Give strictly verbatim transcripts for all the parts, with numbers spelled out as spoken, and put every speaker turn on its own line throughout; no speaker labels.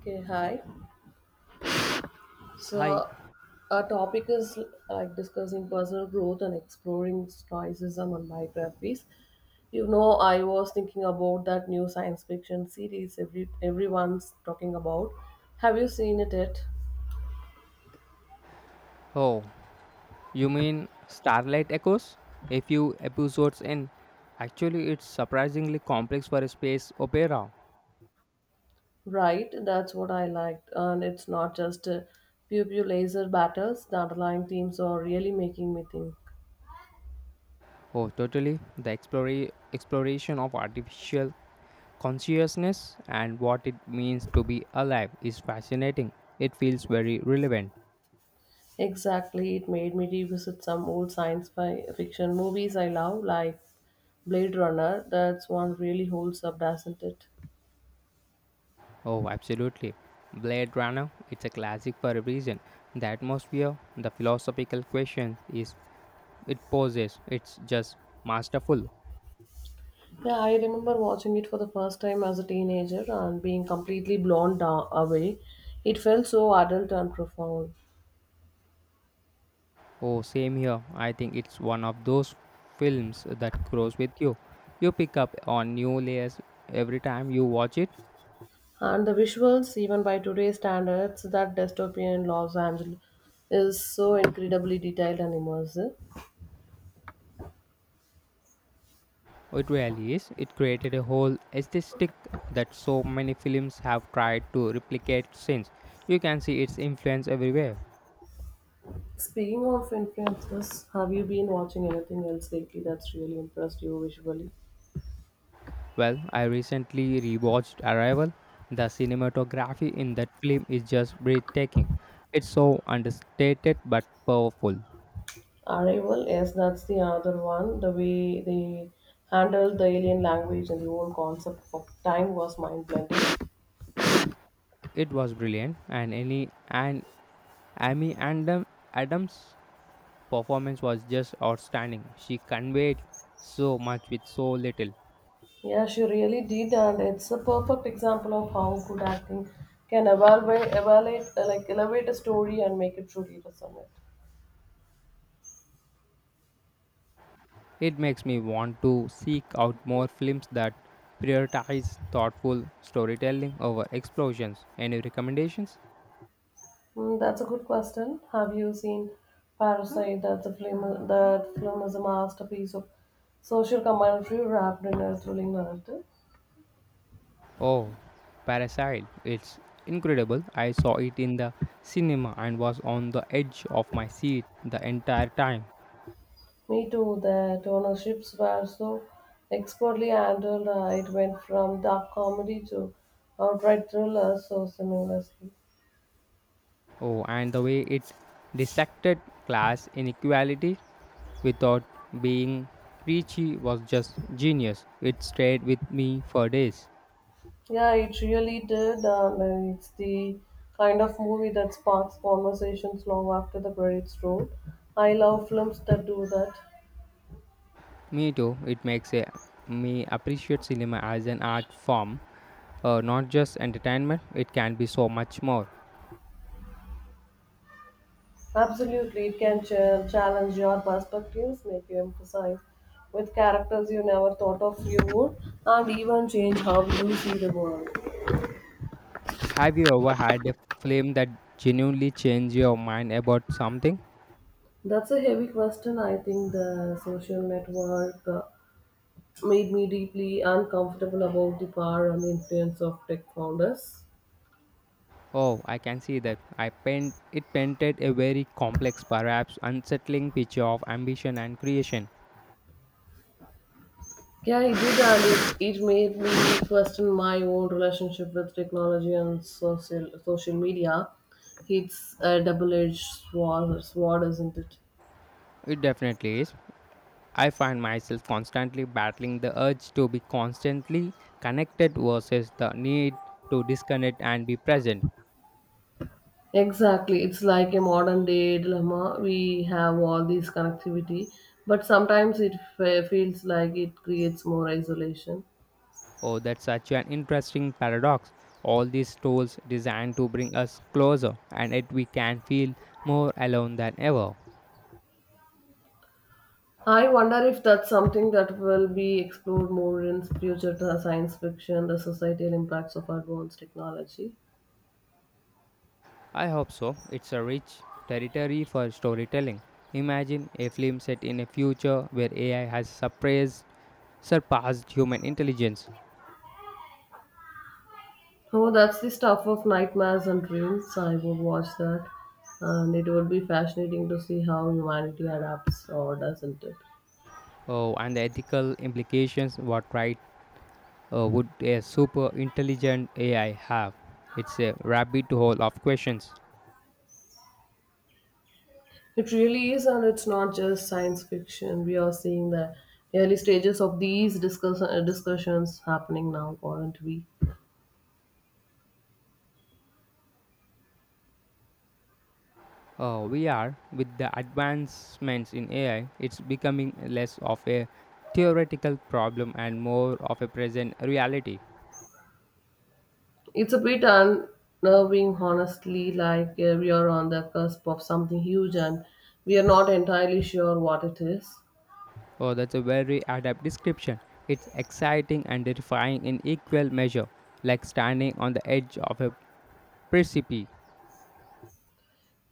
Okay, hi.
Hi.
So, our topic is like discussing personal growth and exploring stoicism and biographies. You know, I was thinking about that new science fiction series every everyone's talking about. Have you seen it yet?
Oh, you mean Starlight Echoes? A few episodes in. Actually, it's surprisingly complex for a space opera.
Right, that's what I liked, and it's not just uh, pew pew laser battles. The underlying themes are really making me think.
Oh, totally. The explora- exploration of artificial consciousness and what it means to be alive is fascinating. It feels very relevant.
Exactly, it made me revisit some old science fi- fiction movies I love, like Blade Runner, that's one really holds up, doesn't it?
Oh, absolutely. Blade Runner, it's a classic for a reason. The atmosphere, the philosophical questions is it poses, it's just masterful.
Yeah, I remember watching it for the first time as a teenager and being completely blown da- away. It felt so adult and profound.
Oh, same here. I think it's one of those films that grows with you. You pick up on new layers every time you watch it.
And the visuals, even by today's standards, that dystopian Los Angeles is so incredibly detailed and immersive.
It really is. It created a whole aesthetic that so many films have tried to replicate since. You can see its influence everywhere.
Speaking of influences, have you been watching anything else lately that's really impressed you visually?
Well, I recently rewatched Arrival. The cinematography in that film is just breathtaking. It's so understated but powerful.
Arrival, yes, that's the other one. The way they handled the alien language and the whole concept of time was mind blending.
It was brilliant, and any and Amy Adam, Adams' performance was just outstanding. She conveyed so much with so little.
Yeah, she really did, and it's a perfect example of how good acting can evaluate, evaluate uh, like elevate a story and make it truly resonate.
It makes me want to seek out more films that prioritize thoughtful storytelling over explosions. Any recommendations?
Mm, that's a good question. Have you seen Parasite? That's a film. That film is a masterpiece of social commentary wrapped in a thrilling narrative.
Oh, Parasite. It's incredible. I saw it in the cinema and was on the edge of my seat the entire time.
Me too, that ownerships were so expertly handled, uh, it went from dark comedy to outright thriller so seamlessly.
Oh, and the way it dissected class inequality without being preachy was just genius. It stayed with me for days.
Yeah, it really did, and uh, it's the kind of movie that sparks conversations long after the credits roll. I love films that do that.
Me too, it makes a, me appreciate cinema as an art form, uh, not just entertainment, it can be so much more.
Absolutely, it can ch- challenge your perspectives, make you emphasize with characters you never thought of you would, and even change how you see the world.
Have you ever had a film that genuinely changed your mind about something?
That's a heavy question. I think the social network uh, made me deeply uncomfortable about the power and influence of tech founders.
Oh, I can see that. I paint it painted a very complex, perhaps unsettling picture of ambition and creation.
Yeah, it did, and it, it made me question my own relationship with technology and social social media. It's a double-edged sword, sword, isn't it?
It definitely is. I find myself constantly battling the urge to be constantly connected versus the need to disconnect and be present.
Exactly. It's like a modern day dilemma. We have all this connectivity, but sometimes it fe- feels like it creates more isolation.
Oh, that's such an interesting paradox. All these tools designed to bring us closer, and yet we can feel more alone than ever.
I wonder if that's something that will be explored more in future th- science fiction, the societal impacts of advanced technology.
I hope so. It's a rich territory for storytelling. Imagine a film set in a future where A I has surpassed, surpassed human intelligence.
Oh, that's the stuff of nightmares and dreams. I would watch that, and it would be fascinating to see how humanity adapts or doesn't it.
Oh, and the ethical implications, what right? Uh, would a super intelligent A I have? It's a rabbit hole of questions.
It really is, and it's not just science fiction. We are seeing the early stages of these discuss- uh, discussions happening now, aren't we?
Uh, we are, with the advancements in A I, it's becoming less of a theoretical problem and more of a present reality.
It's a bit unnerving, honestly, like uh, we are on the cusp of something huge and we are not entirely sure what it is.
Oh, that's a very adept description. It's exciting and terrifying in equal measure, like standing on the edge of a precipice.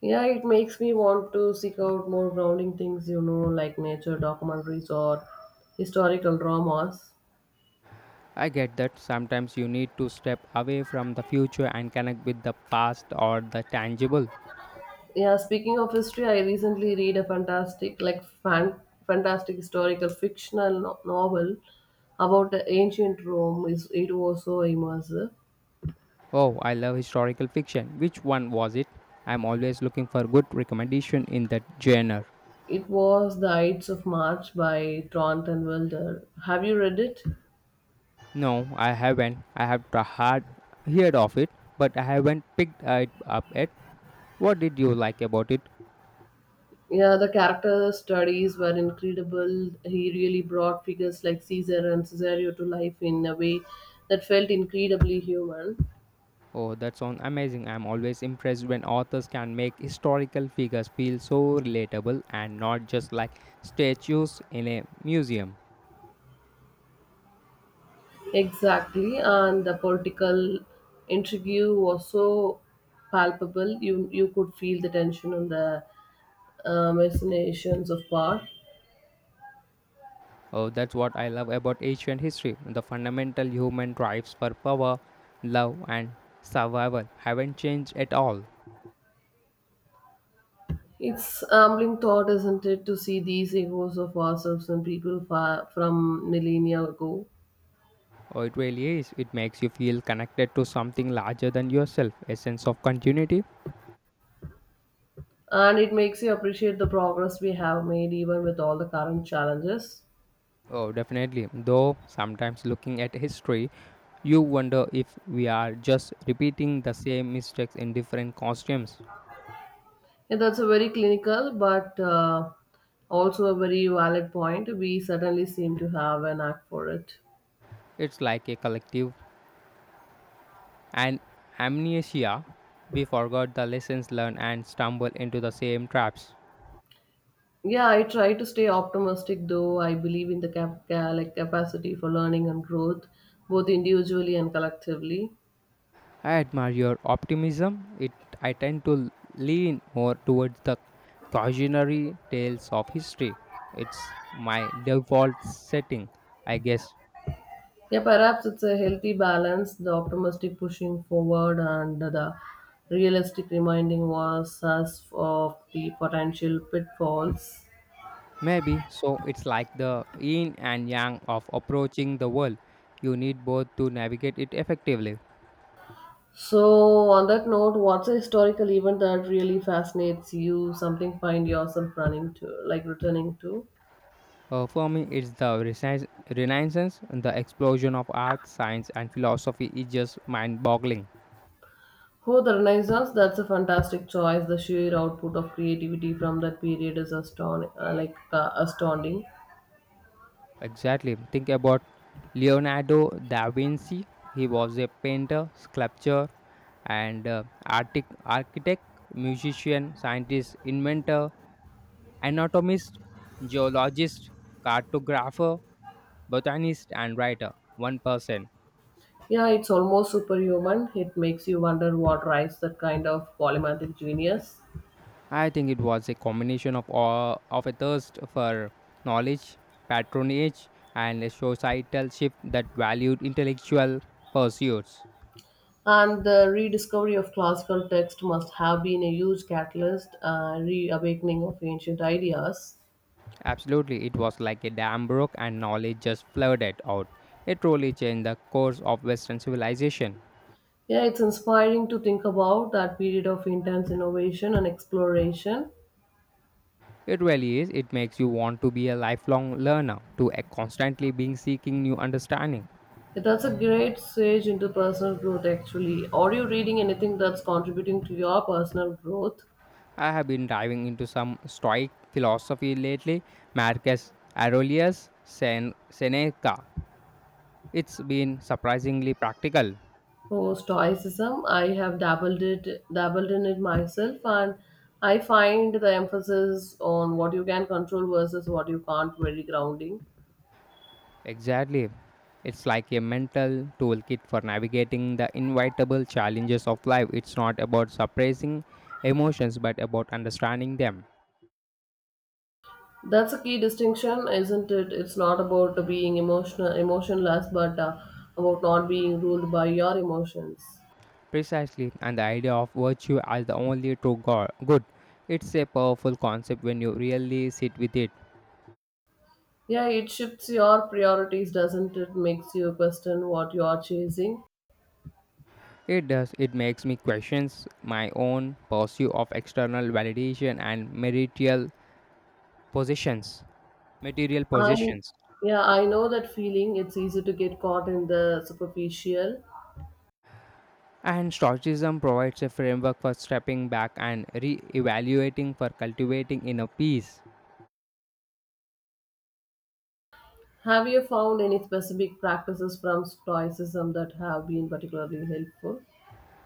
Yeah, it makes me want to seek out more grounding things, you know, like nature documentaries or historical dramas.
I get that sometimes you need to step away from the future and connect with the past or the tangible.
Yeah, speaking of history, I recently read a fantastic, like, fan, fantastic historical fictional no- novel about the ancient Rome. It's- It was so immersive.
Oh, I love historical fiction. Which one was it? I'm always looking for good recommendation in that genre.
It was The Ides of March by Trant and Wilder. Have you read it?
No, I haven't. I have t- had heard of it, but I haven't picked it up yet. What did you like about it?
Yeah, the character studies were incredible. He really brought figures like Caesar and Cesario to life in a way that felt incredibly human.
Oh, that sounds amazing. I'm always impressed when authors can make historical figures feel so relatable and not just like statues in a museum.
Exactly, and the political intrigue was so palpable. You you could feel the tension and the uh, machinations of power.
Oh, that's what I love about ancient history. The fundamental human drives for power, love, and survival haven't changed at all.
It's humbling thought, isn't it, to see these echoes of ourselves and people far from millennia ago.
Oh, it really is. It makes you feel connected to something larger than yourself, a sense of continuity.
And it makes you appreciate the progress we have made, even with all the current challenges.
Oh, definitely. Though sometimes looking at history, you wonder if we are just repeating the same mistakes in different costumes.
And that's a very clinical, but uh, also a very valid point. We certainly seem to have an act for it.
It's like a collective and amnesia. We forgot the lessons learned and stumble into the same traps.
Yeah, I try to stay optimistic, though I believe in the cap- ca- like capacity for learning and growth, both individually and collectively.
I admire your optimism. It I tend to lean more towards the cautionary tales of history. It's my default setting, I guess.
Yeah, perhaps it's a healthy balance, the optimistic pushing forward and the realistic reminding was us of the potential pitfalls.
Maybe so it's like the yin and yang of approaching the world. You need both to navigate it effectively.
So, on that note, what's a historical event that really fascinates you? Something find yourself running to, like returning to?
Uh, for me, it's the Renaissance, Renaissance, the explosion of art, science, and philosophy is just mind boggling.
Oh, the Renaissance, that's a fantastic choice. The sheer output of creativity from that period is astounding, like uh, astounding.
Exactly. Think about Leonardo da Vinci. He was a painter, sculptor, and uh, artic- architect, musician, scientist, inventor, anatomist, geologist, cartographer, botanist, and writer. One person.
Yeah, it's almost superhuman. It makes you wonder what drives that kind of polymath genius.
I think it was a combination of all, of a thirst for knowledge, patronage, and a societal shift that valued intellectual pursuits.
And the rediscovery of classical text must have been a huge catalyst, uh, reawakening of ancient ideas.
Absolutely, it was like a dam broke and knowledge just flooded out. It truly changed the course of Western civilization.
Yeah, it's inspiring to think about that period of intense innovation and exploration.
It really is. It makes you want to be a lifelong learner, to a constantly being seeking new understanding.
That's a great stage into personal growth, actually. Are you reading anything that's contributing to your personal growth?
I have been diving into some Stoic philosophy lately. Marcus Aurelius Sen- Seneca. It's been surprisingly practical.
Oh, stoicism. I have dabbled it, dabbled in it myself, and I find the emphasis on what you can control versus what you can't very grounding.
Exactly. It's like a mental toolkit for navigating the inevitable challenges of life. It's not about suppressing emotions but about understanding them.
That's a key distinction, isn't it? It's not about being emotional, emotionless, but uh, about not being ruled by your emotions.
Precisely, and the idea of virtue as the only true go- good. It's a powerful concept when you really sit with it.
Yeah, it shifts your priorities, doesn't it? Makes you question what you are chasing.
It does it makes me question my own pursuit of external validation and material possessions. Material
I,
possessions.
yeah, I know that feeling. It's easy to get caught in the superficial.
And Stoicism provides a framework for stepping back and re evaluating for cultivating inner peace.
Have you found any specific practices from Stoicism that have been particularly helpful?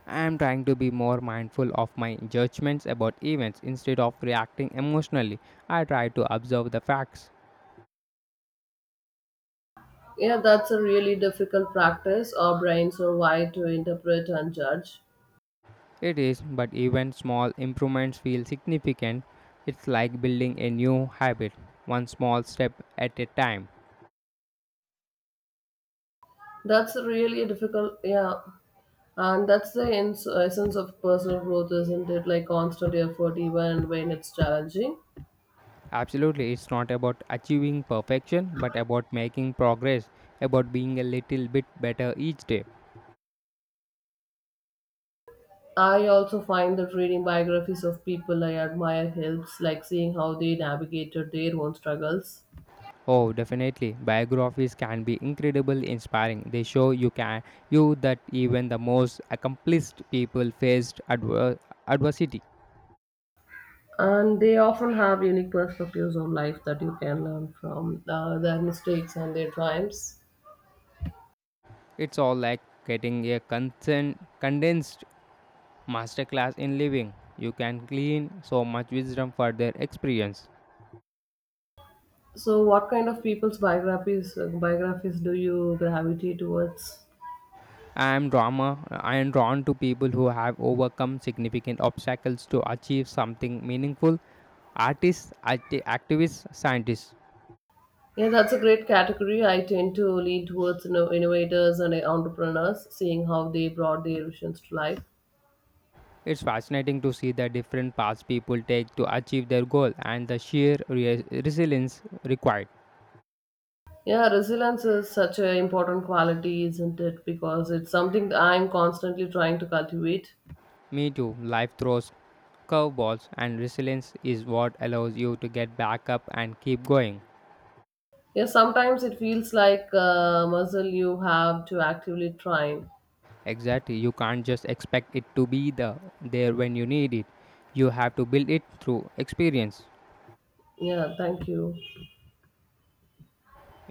I am trying to be more mindful of my judgments about events instead of reacting emotionally. I try to observe the facts.
Yeah, that's a really difficult practice. Our brains are wired to interpret and judge.
It is, but even small improvements feel significant. It's like building a new habit, one small step at a time.
That's a really difficult, yeah. And that's the ens- essence of personal growth, isn't it? Like constant effort, even when it's challenging.
Absolutely, it's not about achieving perfection, but about making progress, about being a little bit better each day.
I also find that reading biographies of people I admire helps, like seeing how they navigated their own struggles.
Oh, definitely. Biographies can be incredibly inspiring. They show you can you that even the most accomplished people faced adver- adversity.
And they often have unique perspectives on life that you can learn from uh, their mistakes and their triumphs.
It's all like getting a concern- condensed masterclass in living. You can glean so much wisdom for their experience.
So what kind of people's biographies biographies do you gravitate towards?
I am drama. I am drawn to people who have overcome significant obstacles to achieve something meaningful. Artists, acti- activists, scientists.
Yeah, that's a great category. I tend to lean towards, you know, innovators and entrepreneurs, seeing how they brought their visions to life.
It's fascinating to see the different paths people take to achieve their goal and the sheer re- resilience required.
Yeah, resilience is such an important quality, isn't it? Because it's something that I'm constantly trying to cultivate.
Me too, life throws curveballs, and resilience is what allows you to get back up and keep going.
Yeah, sometimes it feels like a muscle you have to actively train.
Exactly, you can't just expect it to be the, there when you need it. You have to build it through experience.
Yeah, thank you.